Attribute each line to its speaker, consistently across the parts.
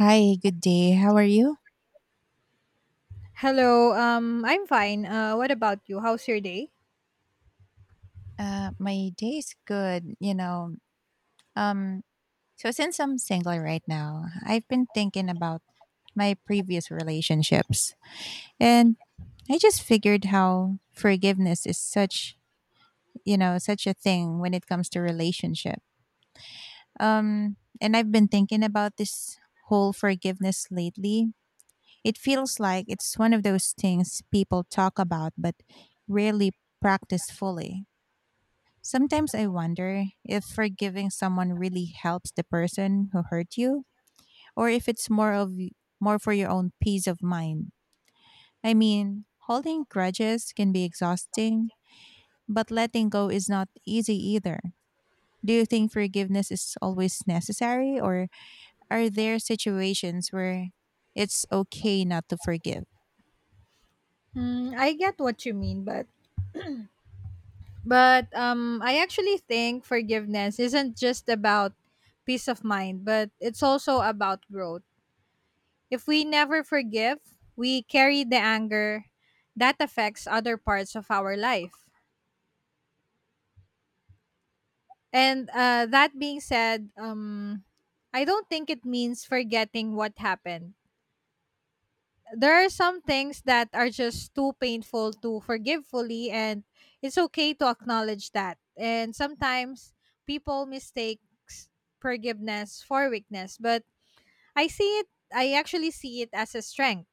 Speaker 1: Hi, good day. How are you?
Speaker 2: Hello, I'm fine. What about you? How's your day?
Speaker 1: My day is good, Um, so since I'm single right now, I've been thinking about my previous relationships, and I just figured how forgiveness is such, such a thing when it comes to relationship. And I've been thinking about this whole forgiveness lately. It feels like it's one of those things people talk about but rarely practice fully. Sometimes I wonder if forgiving someone really helps the person who hurt you or if it's more of more for your own peace of mind. I mean, holding grudges can be exhausting, but letting go is not easy either. Do you think forgiveness is always necessary or are there situations where it's okay not to forgive?
Speaker 2: Hmm, I get what you mean, but I actually think forgiveness isn't just about peace of mind, but it's also about growth. If we never forgive, we carry the anger that affects other parts of our life. And That being said, I don't think it means forgetting what happened. There are some things that are just too painful to forgive fully, and it's okay to acknowledge that. And sometimes people mistakes forgiveness for weakness, but I see it I actually see it as a strength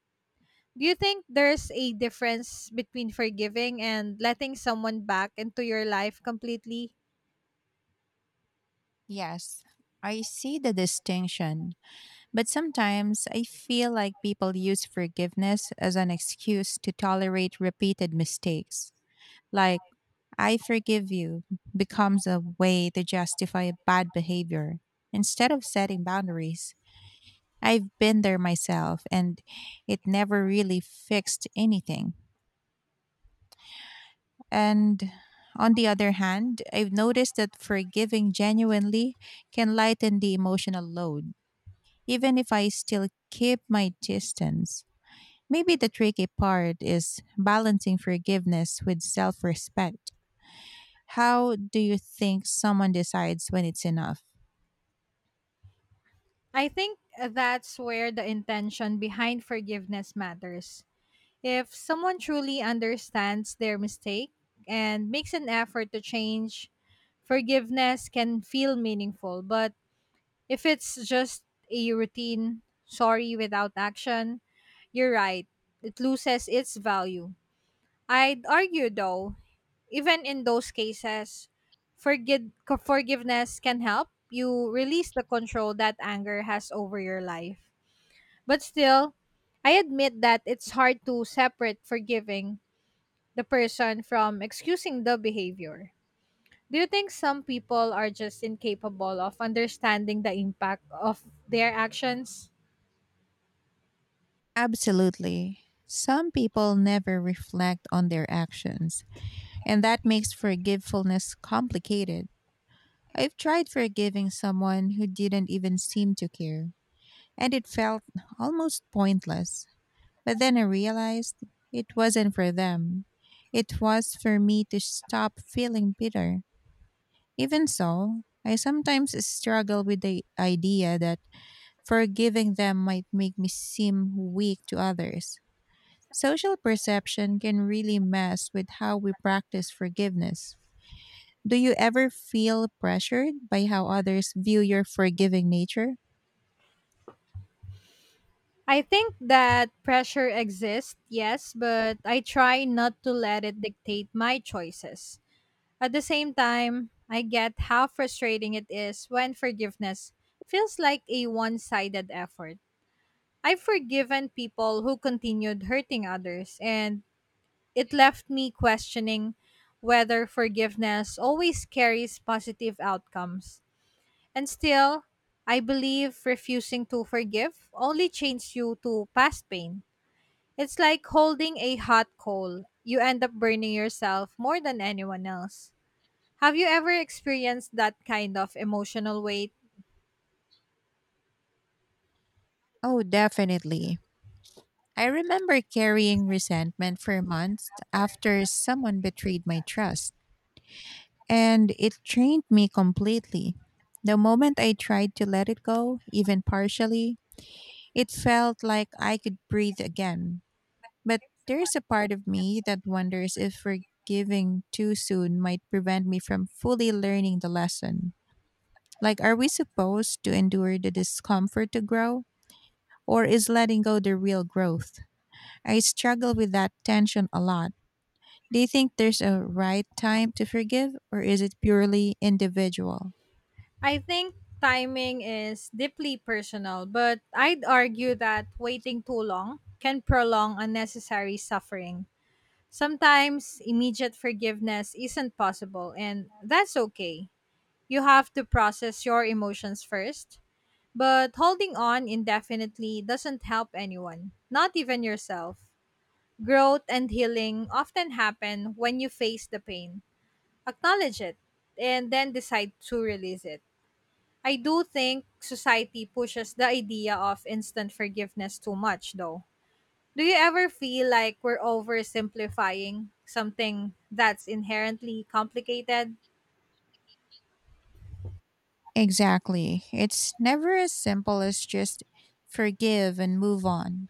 Speaker 2: do you think there's a difference between forgiving and letting someone back into your life completely
Speaker 1: Yes, I see the distinction. But sometimes I feel like people use forgiveness as an excuse to tolerate repeated mistakes. Like, "I forgive you" becomes a way to justify bad behavior instead of setting boundaries. I've been there myself and it never really fixed anything. And on the other hand, I've noticed that forgiving genuinely can lighten the emotional load, even if I still keep my distance. Maybe the tricky part is balancing forgiveness with self respect. How do you think someone decides when it's enough?
Speaker 2: I think that's where the intention behind forgiveness matters. If someone truly understands their mistake and makes an effort to change, forgiveness can feel meaningful, but If it's just a routine, sorry without action, you're right. It loses its value. I'd argue though, even in those cases, forgive, forgiveness can help. You release the control that anger has over your life. But still, I admit that it's hard to separate forgiving the person from excusing the behavior. Do you think some people are just incapable of understanding the impact of their actions?
Speaker 1: Absolutely. Some people never reflect on their actions, and that makes forgetfulness complicated. I've tried forgiving someone who didn't even seem to care, and it felt almost pointless. But then I realized it wasn't for them, it was for me to stop feeling bitter. Even so, I sometimes struggle with the idea that forgiving them might make me seem weak to others. Social perception can really mess with how we practice forgiveness. Do you ever feel pressured by how others view your forgiving nature?
Speaker 2: I think that pressure exists, yes, but I try not to let it dictate my choices. At the same time, I get how frustrating it is when forgiveness feels like a one sided effort. I've forgiven people who continued hurting others, and it left me questioning whether forgiveness always carries positive outcomes. And still, I believe refusing to forgive only chains you to past pain. It's like holding a hot coal. You end up burning yourself more than anyone else. Have you ever experienced that kind of emotional weight?
Speaker 1: Oh, definitely. I remember carrying resentment for months after someone betrayed my trust, and it drained me completely. The moment I tried to let it go, even partially, it felt like I could breathe again. But there's a part of me that wonders if forgiving too soon might prevent me from fully learning the lesson. Like, are we supposed to endure the discomfort to grow? Or is letting go the real growth? I struggle with that tension a lot. Do you think there's a right time to forgive, or is it purely individual?
Speaker 2: I think timing is deeply personal, but I'd argue that waiting too long can prolong unnecessary suffering. Sometimes immediate forgiveness isn't possible, and that's okay. You have to process your emotions first. But holding on indefinitely doesn't help anyone, not even yourself. Growth and healing often happen when you face the pain, acknowledge it, and then decide to release it. I do think society pushes the idea of instant forgiveness too much, though. Do you ever feel like we're oversimplifying something that's inherently complicated?
Speaker 1: Exactly. It's never as simple as just forgive and move on.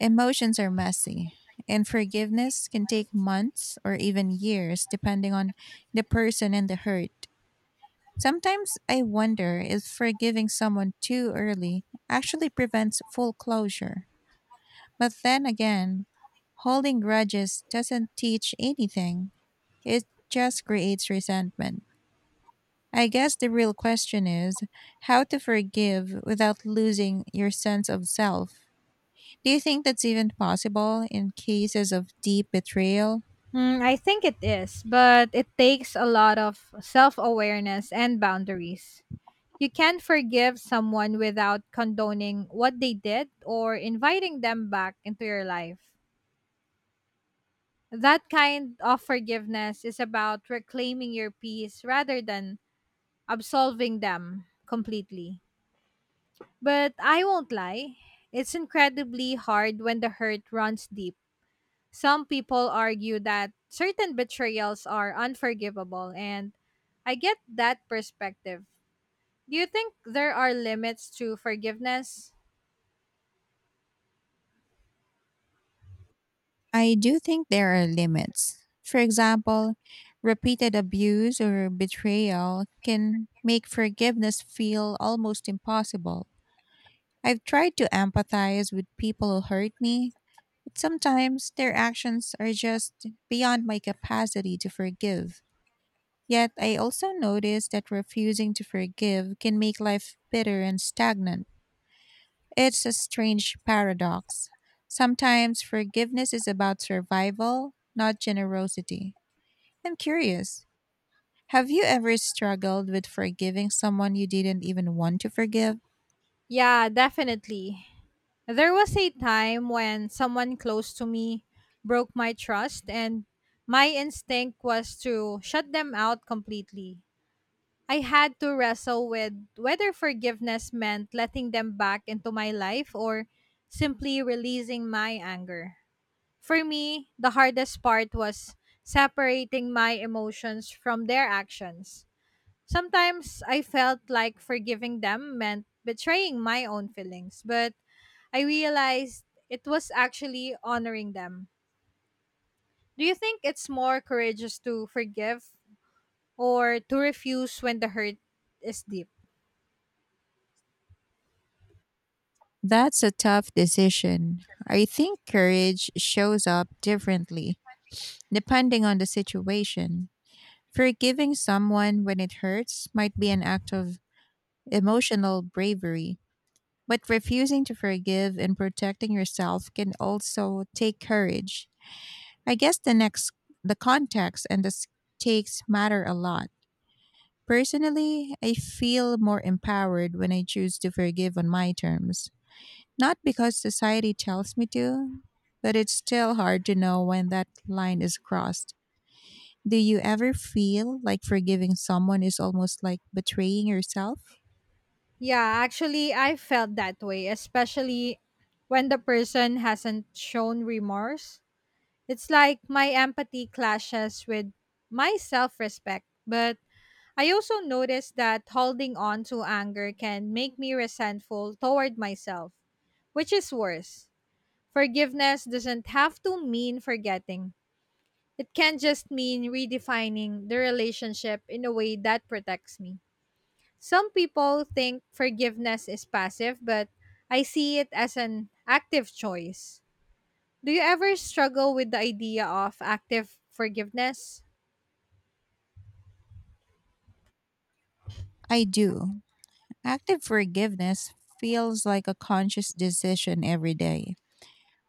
Speaker 1: Emotions are messy, and forgiveness can take months or even years depending on the person and the hurt. Sometimes I wonder if forgiving someone too early actually prevents full closure. But then again, holding grudges doesn't teach anything, it just creates resentment. I guess the real question is how to forgive without losing your sense of self. Do you think that's even possible in cases of deep betrayal?
Speaker 2: Mm, I think it is, but it takes a lot of self awareness and boundaries. You can't forgive someone without condoning what they did or inviting them back into your life. That kind of forgiveness is about reclaiming your peace rather than absolving them completely. But I won't lie, it's incredibly hard when the hurt runs deep. Some people argue that certain betrayals are unforgivable, and I get that perspective. Do you think there are limits to forgiveness?
Speaker 1: I do think there are limits. For example, repeated abuse or betrayal can make forgiveness feel almost impossible. I've tried to empathize with people who hurt me, but sometimes their actions are just beyond my capacity to forgive. Yet I also notice that refusing to forgive can make life bitter and stagnant. It's a strange paradox. Sometimes forgiveness is about survival, not generosity. I'm curious. Have you ever struggled with forgiving someone you didn't even want to forgive?
Speaker 2: Yeah, definitely. There was a time when someone close to me broke my trust, and my instinct was to shut them out completely. I had to wrestle with whether forgiveness meant letting them back into my life or simply releasing my anger. For me, the hardest part was separating my emotions from their actions. Sometimes I felt like forgiving them meant betraying my own feelings, but I realized it was actually honoring them. Do you think it's more courageous to forgive or to refuse when the hurt is deep?
Speaker 1: That's a tough decision. I think courage shows up differently depending on the situation. Forgiving someone when it hurts might be an act of emotional bravery. But refusing to forgive and protecting yourself can also take courage. I guess the context and the stakes matter a lot. Personally, I feel more empowered when I choose to forgive on my terms. Not because society tells me to, but it's still hard to know when that line is crossed. Do you ever feel like forgiving someone is almost like betraying yourself?
Speaker 2: Yeah, actually, I felt that way, especially when the person hasn't shown remorse. It's like my empathy clashes with my self respect. But I also notice that holding on to anger can make me resentful toward myself, which is worse. Forgiveness doesn't have to mean forgetting, it can just mean redefining the relationship in a way that protects me. Some people think forgiveness is passive, but I see it as an active choice. Do you ever struggle with the idea of active forgiveness?
Speaker 1: I do. Active forgiveness feels like a conscious decision every day.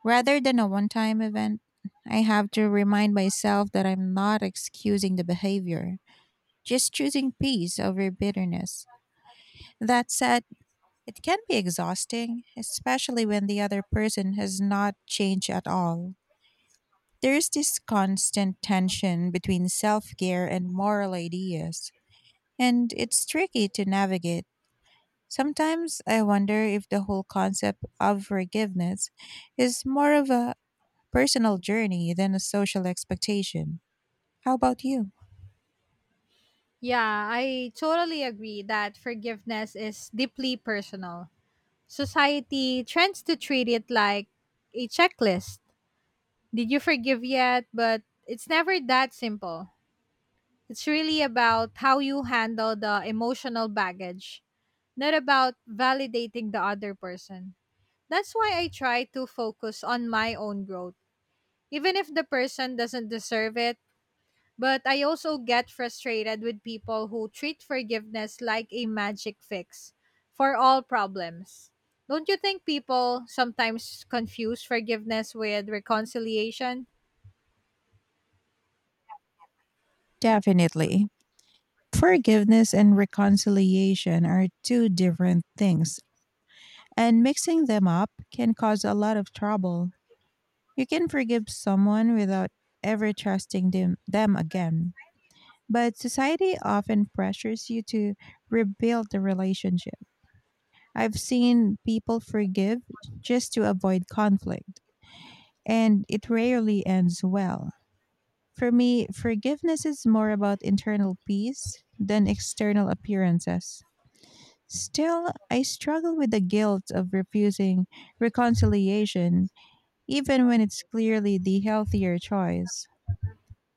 Speaker 1: Rather than a one time event, I have to remind myself that I'm not excusing the behavior, just choosing peace over bitterness. That said, it can be exhausting, especially when the other person has not changed at all. There's this constant tension between self care and moral ideas, and it's tricky to navigate. Sometimes I wonder if the whole concept of forgiveness is more of a personal journey than a social expectation. How about you?
Speaker 2: Yeah, I totally agree that forgiveness is deeply personal. Society tends to treat it like a checklist. Did you forgive yet? But it's never that simple. It's really about how you handle the emotional baggage, not about validating the other person. That's why I try to focus on my own growth, even if the person doesn't deserve it. But I also get frustrated with people who treat forgiveness like a magic fix for all problems. Don't you think people sometimes confuse forgiveness with reconciliation?
Speaker 1: Definitely. Forgiveness and reconciliation are two different things, and mixing them up can cause a lot of trouble. You can forgive someone without ever trusting them again. But society often pressures you to rebuild the relationship. I've seen people forgive just to avoid conflict, and it rarely ends well. For me, forgiveness is more about internal peace than external appearances. Still, I struggle with the guilt of refusing reconciliation, even when it's clearly the healthier choice.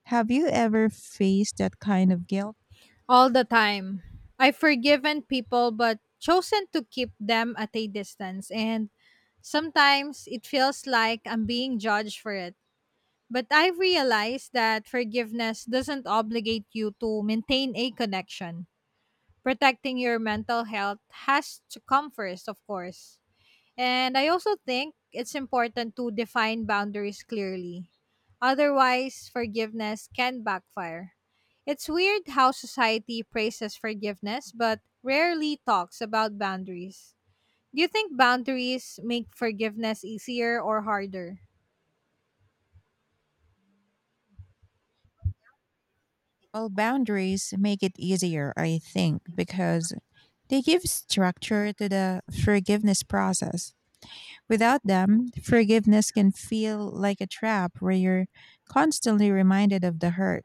Speaker 1: Have you ever faced that kind of guilt?
Speaker 2: All the time. I've forgiven people but chosen to keep them at a distance, and sometimes it feels like I'm being judged for it. But I've realized that forgiveness doesn't obligate you to maintain a connection. Protecting your mental health has to come first, of course. And I also think it's important to define boundaries clearly. Otherwise, forgiveness can backfire. It's weird how society praises forgiveness but rarely talks about boundaries. Do you think boundaries make forgiveness easier or harder?
Speaker 1: Well, boundaries make it easier, I think, because they give structure to the forgiveness process. Without them, forgiveness can feel like a trap where you're constantly reminded of the hurt.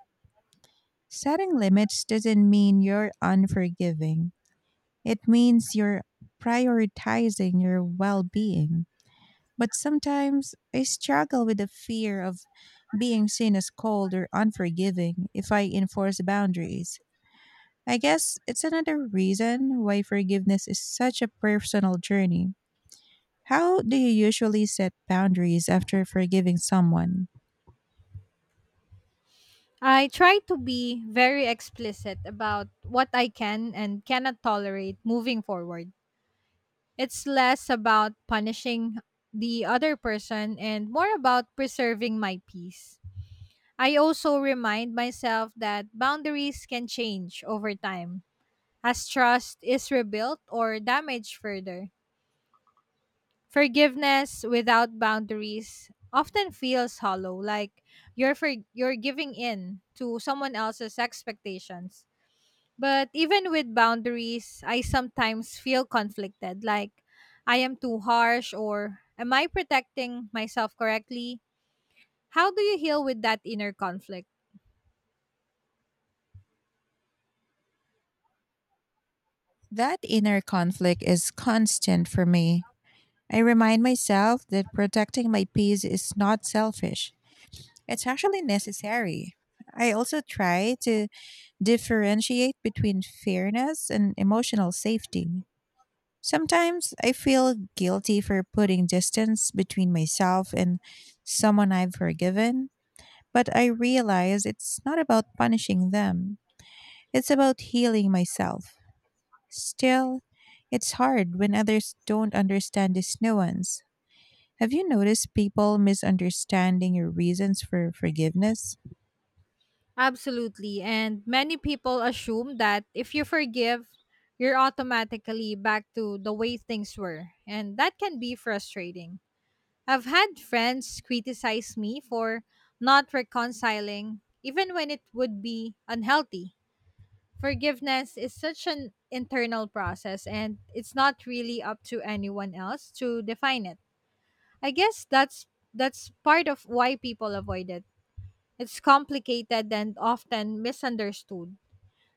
Speaker 1: Setting limits doesn't mean you're unforgiving. It means you're prioritizing your well being. But sometimes I struggle with the fear of being seen as cold or unforgiving if I enforce boundaries. I guess it's another reason why forgiveness is such a personal journey. How do you usually set boundaries after forgiving someone?
Speaker 2: I try to be very explicit about what I can and cannot tolerate moving forward. It's less about punishing the other person and more about preserving my peace. I also remind myself that boundaries can change over time as trust is rebuilt or damaged further. Forgiveness without boundaries often feels hollow, like you're giving in to someone else's expectations. But even with boundaries, I sometimes feel conflicted, like, I am too harsh, or am I protecting myself correctly? How do you heal with that inner conflict?
Speaker 1: That inner conflict is constant for me. I remind myself that protecting my peace is not selfish, it's actually necessary. I also try to differentiate between fairness and emotional safety. Sometimes I feel guilty for putting distance between myself and someone I've forgiven, but I realize it's not about punishing them. It's about healing myself. Still, it's hard when others don't understand this nuance. Have you noticed people misunderstanding your reasons for forgiveness?
Speaker 2: Absolutely. And many people assume that if you forgive, you're automatically back to the way things were. And that can be frustrating. I've had friends criticize me for not reconciling, even when it would be unhealthy. Forgiveness is such an internal process, and it's not really up to anyone else to define it. I guess that's part of why people avoid it. It's complicated and often misunderstood.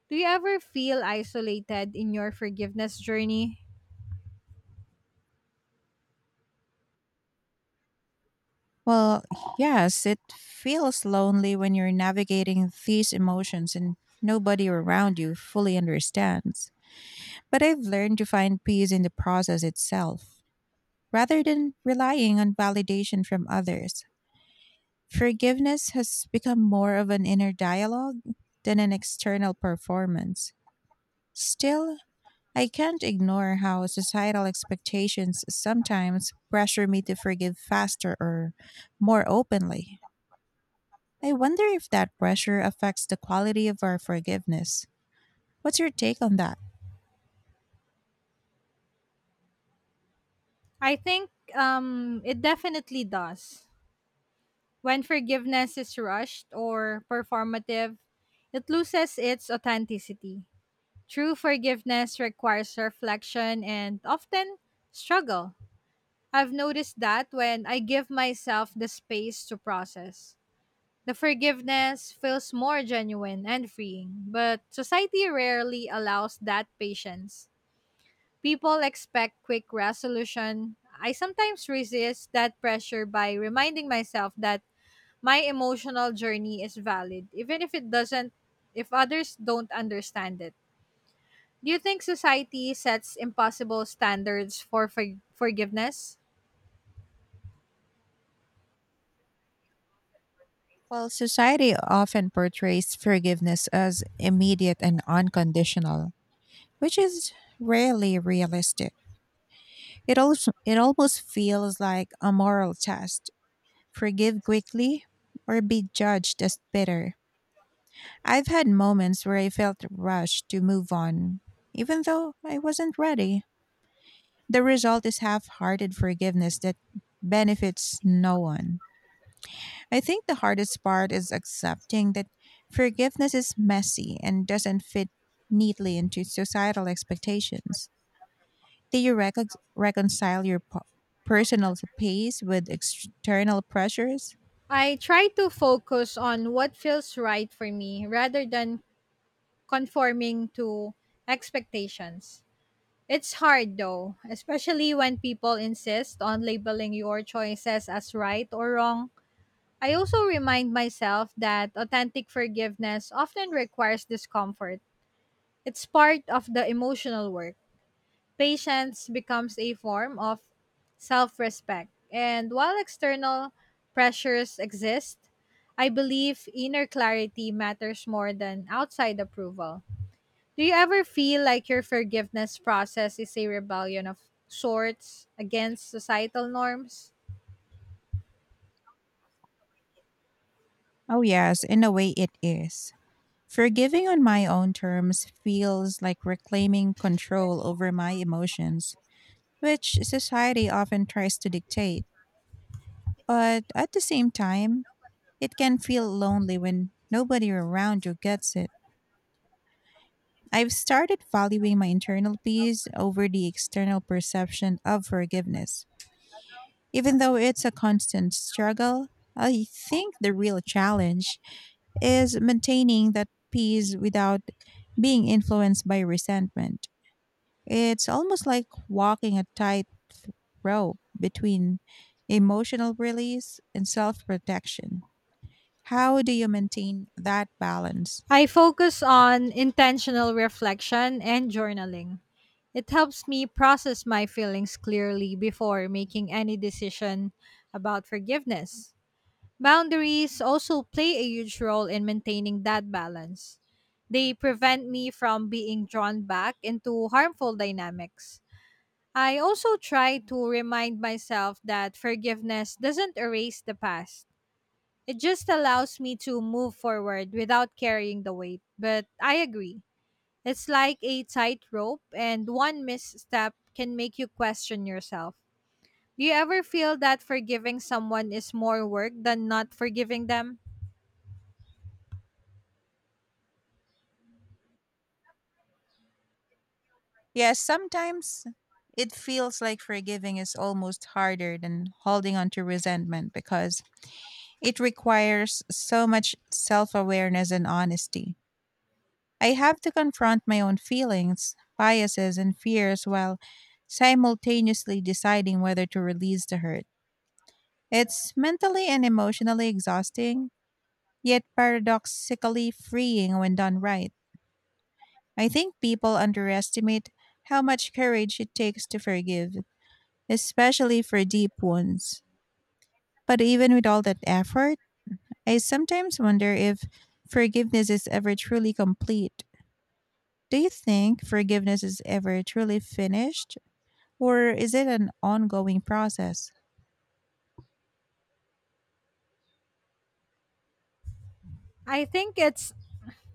Speaker 2: Do you ever feel isolated in your forgiveness journey?
Speaker 1: Well, yes, it feels lonely when you're navigating these emotions and nobody around you fully understands. But I've learned to find peace in the process itself rather than relying on validation from others. Forgiveness has become more of an inner dialogue than an external performance. Still, I can't ignore how societal expectations sometimes pressure me to forgive faster or more openly. I wonder if that pressure affects the quality of our forgiveness. What's your take on that?
Speaker 2: I think it definitely does. When forgiveness is rushed or performative, it loses its authenticity. True forgiveness requires reflection and often struggle. I've noticed that when I give myself the space to process, the forgiveness feels more genuine and freeing, but society rarely allows that patience. People expect quick resolution. I sometimes resist that pressure by reminding myself that my emotional journey is valid, even if others don't understand it. Do you think society sets impossible standards for forgiveness?
Speaker 1: Well, society often portrays forgiveness as immediate and unconditional, which is rarely realistic. It almost feels like a moral test. Forgive quickly or be judged as bitter. I've had moments where I felt rushed to move on, even though I wasn't ready. The result is half hearted forgiveness that benefits no one. I think the hardest part is accepting that forgiveness is messy and doesn't fit neatly into societal expectations. Do you reconcile your personal pace with external pressures?
Speaker 2: I try to focus on what feels right for me rather than conforming to expectations. It's hard though, especially when people insist on labeling your choices as right or wrong. I also remind myself that authentic forgiveness often requires discomfort. It's part of the emotional work. Patience becomes a form of self respect. And while external pressures exist, I believe inner clarity matters more than outside approval. Do you ever feel like your forgiveness process is a rebellion of sorts against societal norms?
Speaker 1: Oh, yes, in a way it is. Forgiving on my own terms feels like reclaiming control over my emotions, which society often tries to dictate. But at the same time, it can feel lonely when nobody around you gets it. I've started valuing my internal peace over the external perception of forgiveness. Even though it's a constant struggle, I think the real challenge is maintaining that peace without being influenced by resentment. It's almost like walking a tight rope between emotional release and self protection. How do you maintain that balance?
Speaker 2: I focus on intentional reflection and journaling. It helps me process my feelings clearly before making any decision about forgiveness. Boundaries also play a huge role in maintaining that balance. They prevent me from being drawn back into harmful dynamics. I also try to remind myself that forgiveness doesn't erase the past. It just allows me to move forward without carrying the weight. But I agree. It's like a tightrope, and one misstep can make you question yourself. Do you ever feel that forgiving someone is more work than not forgiving them?
Speaker 1: Yes, sometimes it feels like forgiving is almost harder than holding on to resentment because it requires so much self awareness and honesty. I have to confront my own feelings, biases, and fears while simultaneously deciding whether to release the hurt. It's mentally and emotionally exhausting, yet paradoxically freeing when done right. I think people underestimate how much courage it takes to forgive, especially for deep wounds. But even with all that effort, I sometimes wonder if forgiveness is ever truly complete. Do you think forgiveness is ever truly finished, or is it an ongoing process?
Speaker 2: I think it's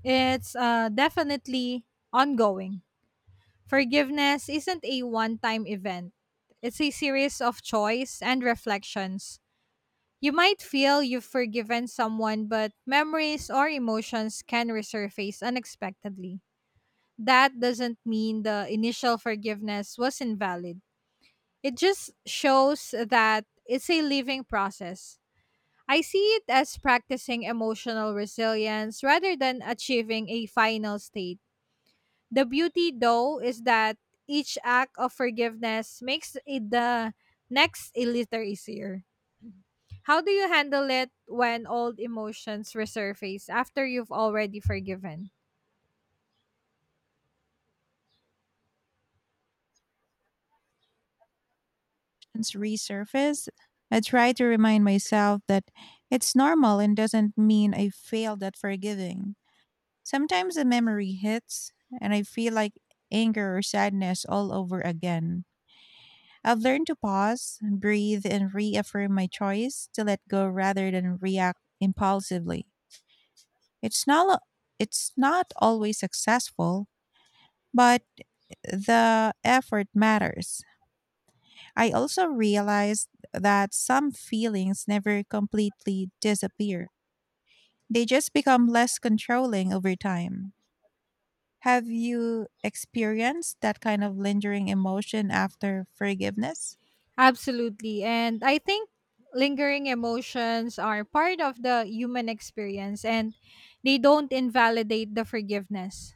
Speaker 2: it's uh, definitely ongoing. Forgiveness isn't a one-time event. It's a series of choice and reflections. You might feel you've forgiven someone, but memories or emotions can resurface unexpectedly. That doesn't mean the initial forgiveness was invalid. It just shows that it's a living process. I see it as practicing emotional resilience rather than achieving a final state. The beauty, though, is that each act of forgiveness makes it, the next, a little easier. How do you handle it when old emotions resurface after you've already forgiven?
Speaker 1: Emotions resurface, I try to remind myself that it's normal and doesn't mean I failed at forgiving. Sometimes a memory hits and I feel like anger or sadness all over again. I've learned to pause, breathe, and reaffirm my choice to let go rather than react impulsively. It's not it's not always successful, but the effort matters. I also realized that some feelings never completely disappear. They just become less controlling over time. Have you experienced that kind of lingering emotion after forgiveness?
Speaker 2: Absolutely. And I think lingering emotions are part of the human experience and they don't invalidate the forgiveness.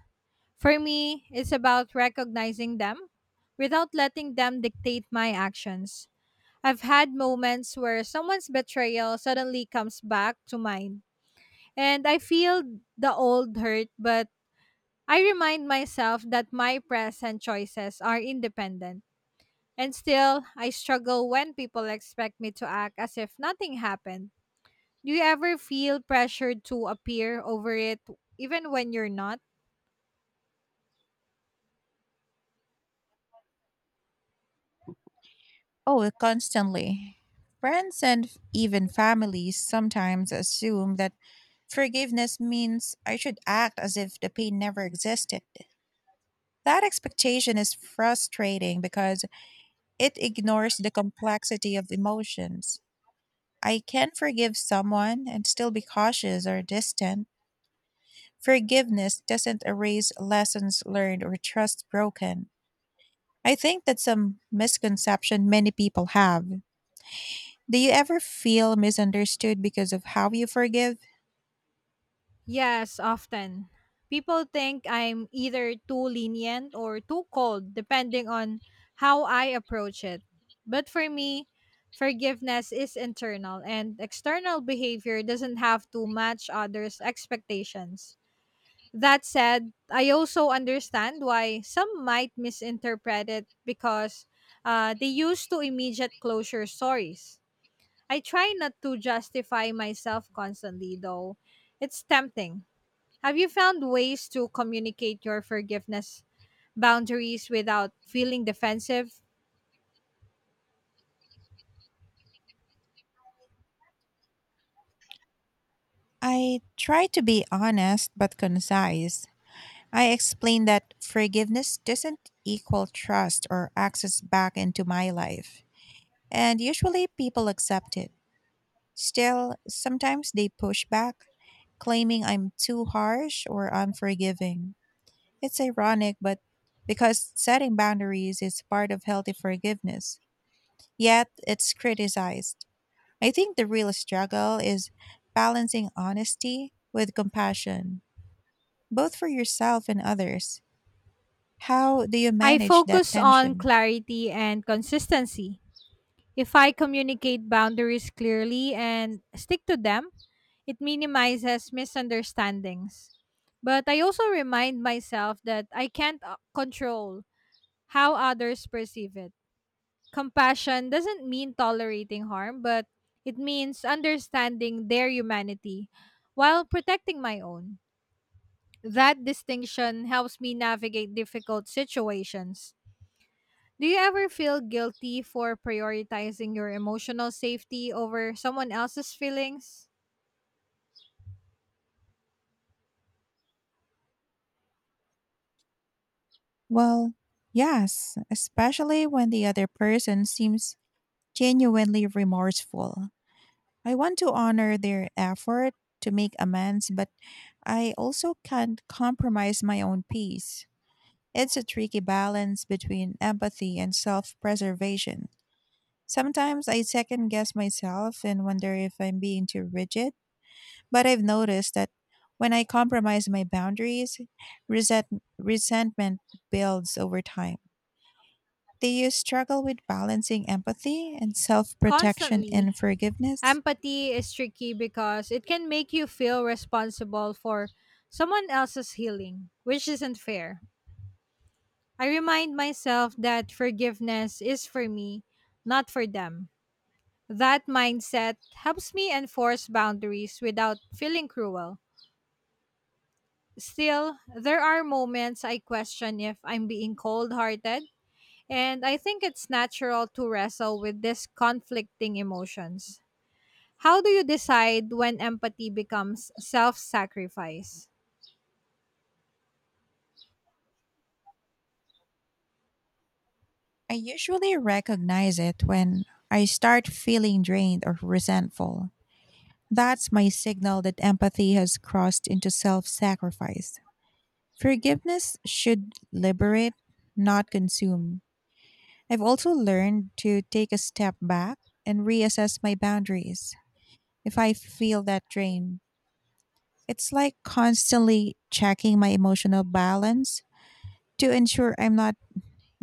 Speaker 2: For me, it's about recognizing them without letting them dictate my actions. I've had moments where someone's betrayal suddenly comes back to mind, and I feel the old hurt, but I remind myself that my present choices are independent. And still, I struggle when people expect me to act as if nothing happened. Do you ever feel pressured to appear over it, even when you're not?
Speaker 1: Oh, constantly. Friends and even families sometimes assume that forgiveness means I should act as if the pain never existed. That expectation is frustrating because it ignores the complexity of emotions. I can forgive someone and still be cautious or distant. Forgiveness doesn't erase lessons learned or trust broken. I think that's a misconception many people have. Do you ever feel misunderstood because of how you forgive?
Speaker 2: Yes, often. People think I'm either too lenient or too cold, depending on how I approach it. But for me, forgiveness is internal, and external behavior doesn't have to match others' expectations. That said, I also understand why some might misinterpret it because they used to immediate closure stories. I try not to justify myself constantly, though. It's tempting. Have you found ways to communicate your forgiveness boundaries without feeling defensive?
Speaker 1: I try to be honest but concise. I explain that forgiveness doesn't equal trust or access back into my life. And usually people accept it. Still, sometimes they push back, claiming I'm too harsh or unforgiving. It's ironic, but because setting boundaries is part of healthy forgiveness, yet it's criticized. I think the real struggle is balancing honesty with compassion, both for yourself and others. How do you
Speaker 2: I
Speaker 1: manage that
Speaker 2: focus on
Speaker 1: tension?
Speaker 2: clarity and consistency. If I communicate boundaries clearly and stick to them, it minimizes misunderstandings. But I also remind myself that I can't control how others perceive it. Compassion doesn't mean tolerating harm, but it means understanding their humanity while protecting my own. That distinction helps me navigate difficult situations. Do you ever feel guilty for prioritizing your emotional safety over someone else's feelings?
Speaker 1: Well, yes, especially when the other person seems genuinely remorseful. I want to honor their effort to make amends, but I also can't compromise my own peace. It's a tricky balance between empathy and self preservation. Sometimes I second guess myself and wonder if I'm being too rigid, but I've noticed that when I compromise my boundaries, resentment builds over time. Do you struggle with balancing empathy and self protection
Speaker 2: Constantly.
Speaker 1: and forgiveness?
Speaker 2: Empathy is tricky because it can make you feel responsible for someone else's healing, which isn't fair. I remind myself that forgiveness is for me, not for them. That mindset helps me enforce boundaries without feeling cruel. Still, there are moments I question if I'm being cold hearted, and I think it's natural to wrestle with these conflicting emotions. How do you decide when empathy becomes self sacrifice?
Speaker 1: I usually recognize it when I start feeling drained or resentful. That's my signal that empathy has crossed into self sacrifice. Forgiveness should liberate, not consume. I've also learned to take a step back and reassess my boundaries if I feel that drain. It's like constantly checking my emotional balance to ensure I'm not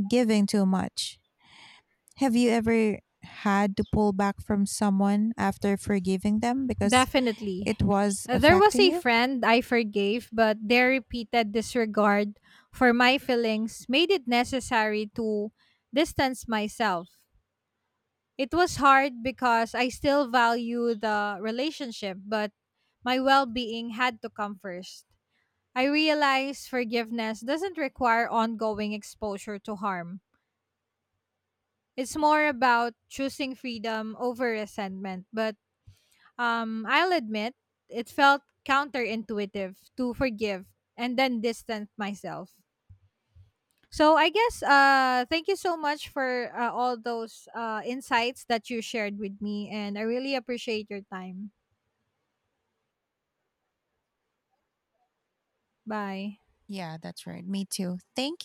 Speaker 1: giving too much. Have you ever had to pull back from someone after forgiving them because
Speaker 2: Definitely.
Speaker 1: it was
Speaker 2: There was
Speaker 1: affecting
Speaker 2: a
Speaker 1: you?
Speaker 2: friend I forgave, but their repeated disregard for my feelings made it necessary to distance myself. It was hard because I still value the relationship, but my well being had to come first. I realized forgiveness doesn't require ongoing exposure to harm. It's more about choosing freedom over resentment, but I'll admit it felt counterintuitive to forgive and then distance myself. So I guess thank you so much for all those insights that you shared with me, and I really appreciate your time. Bye.
Speaker 1: Yeah, that's right. Me too. Thank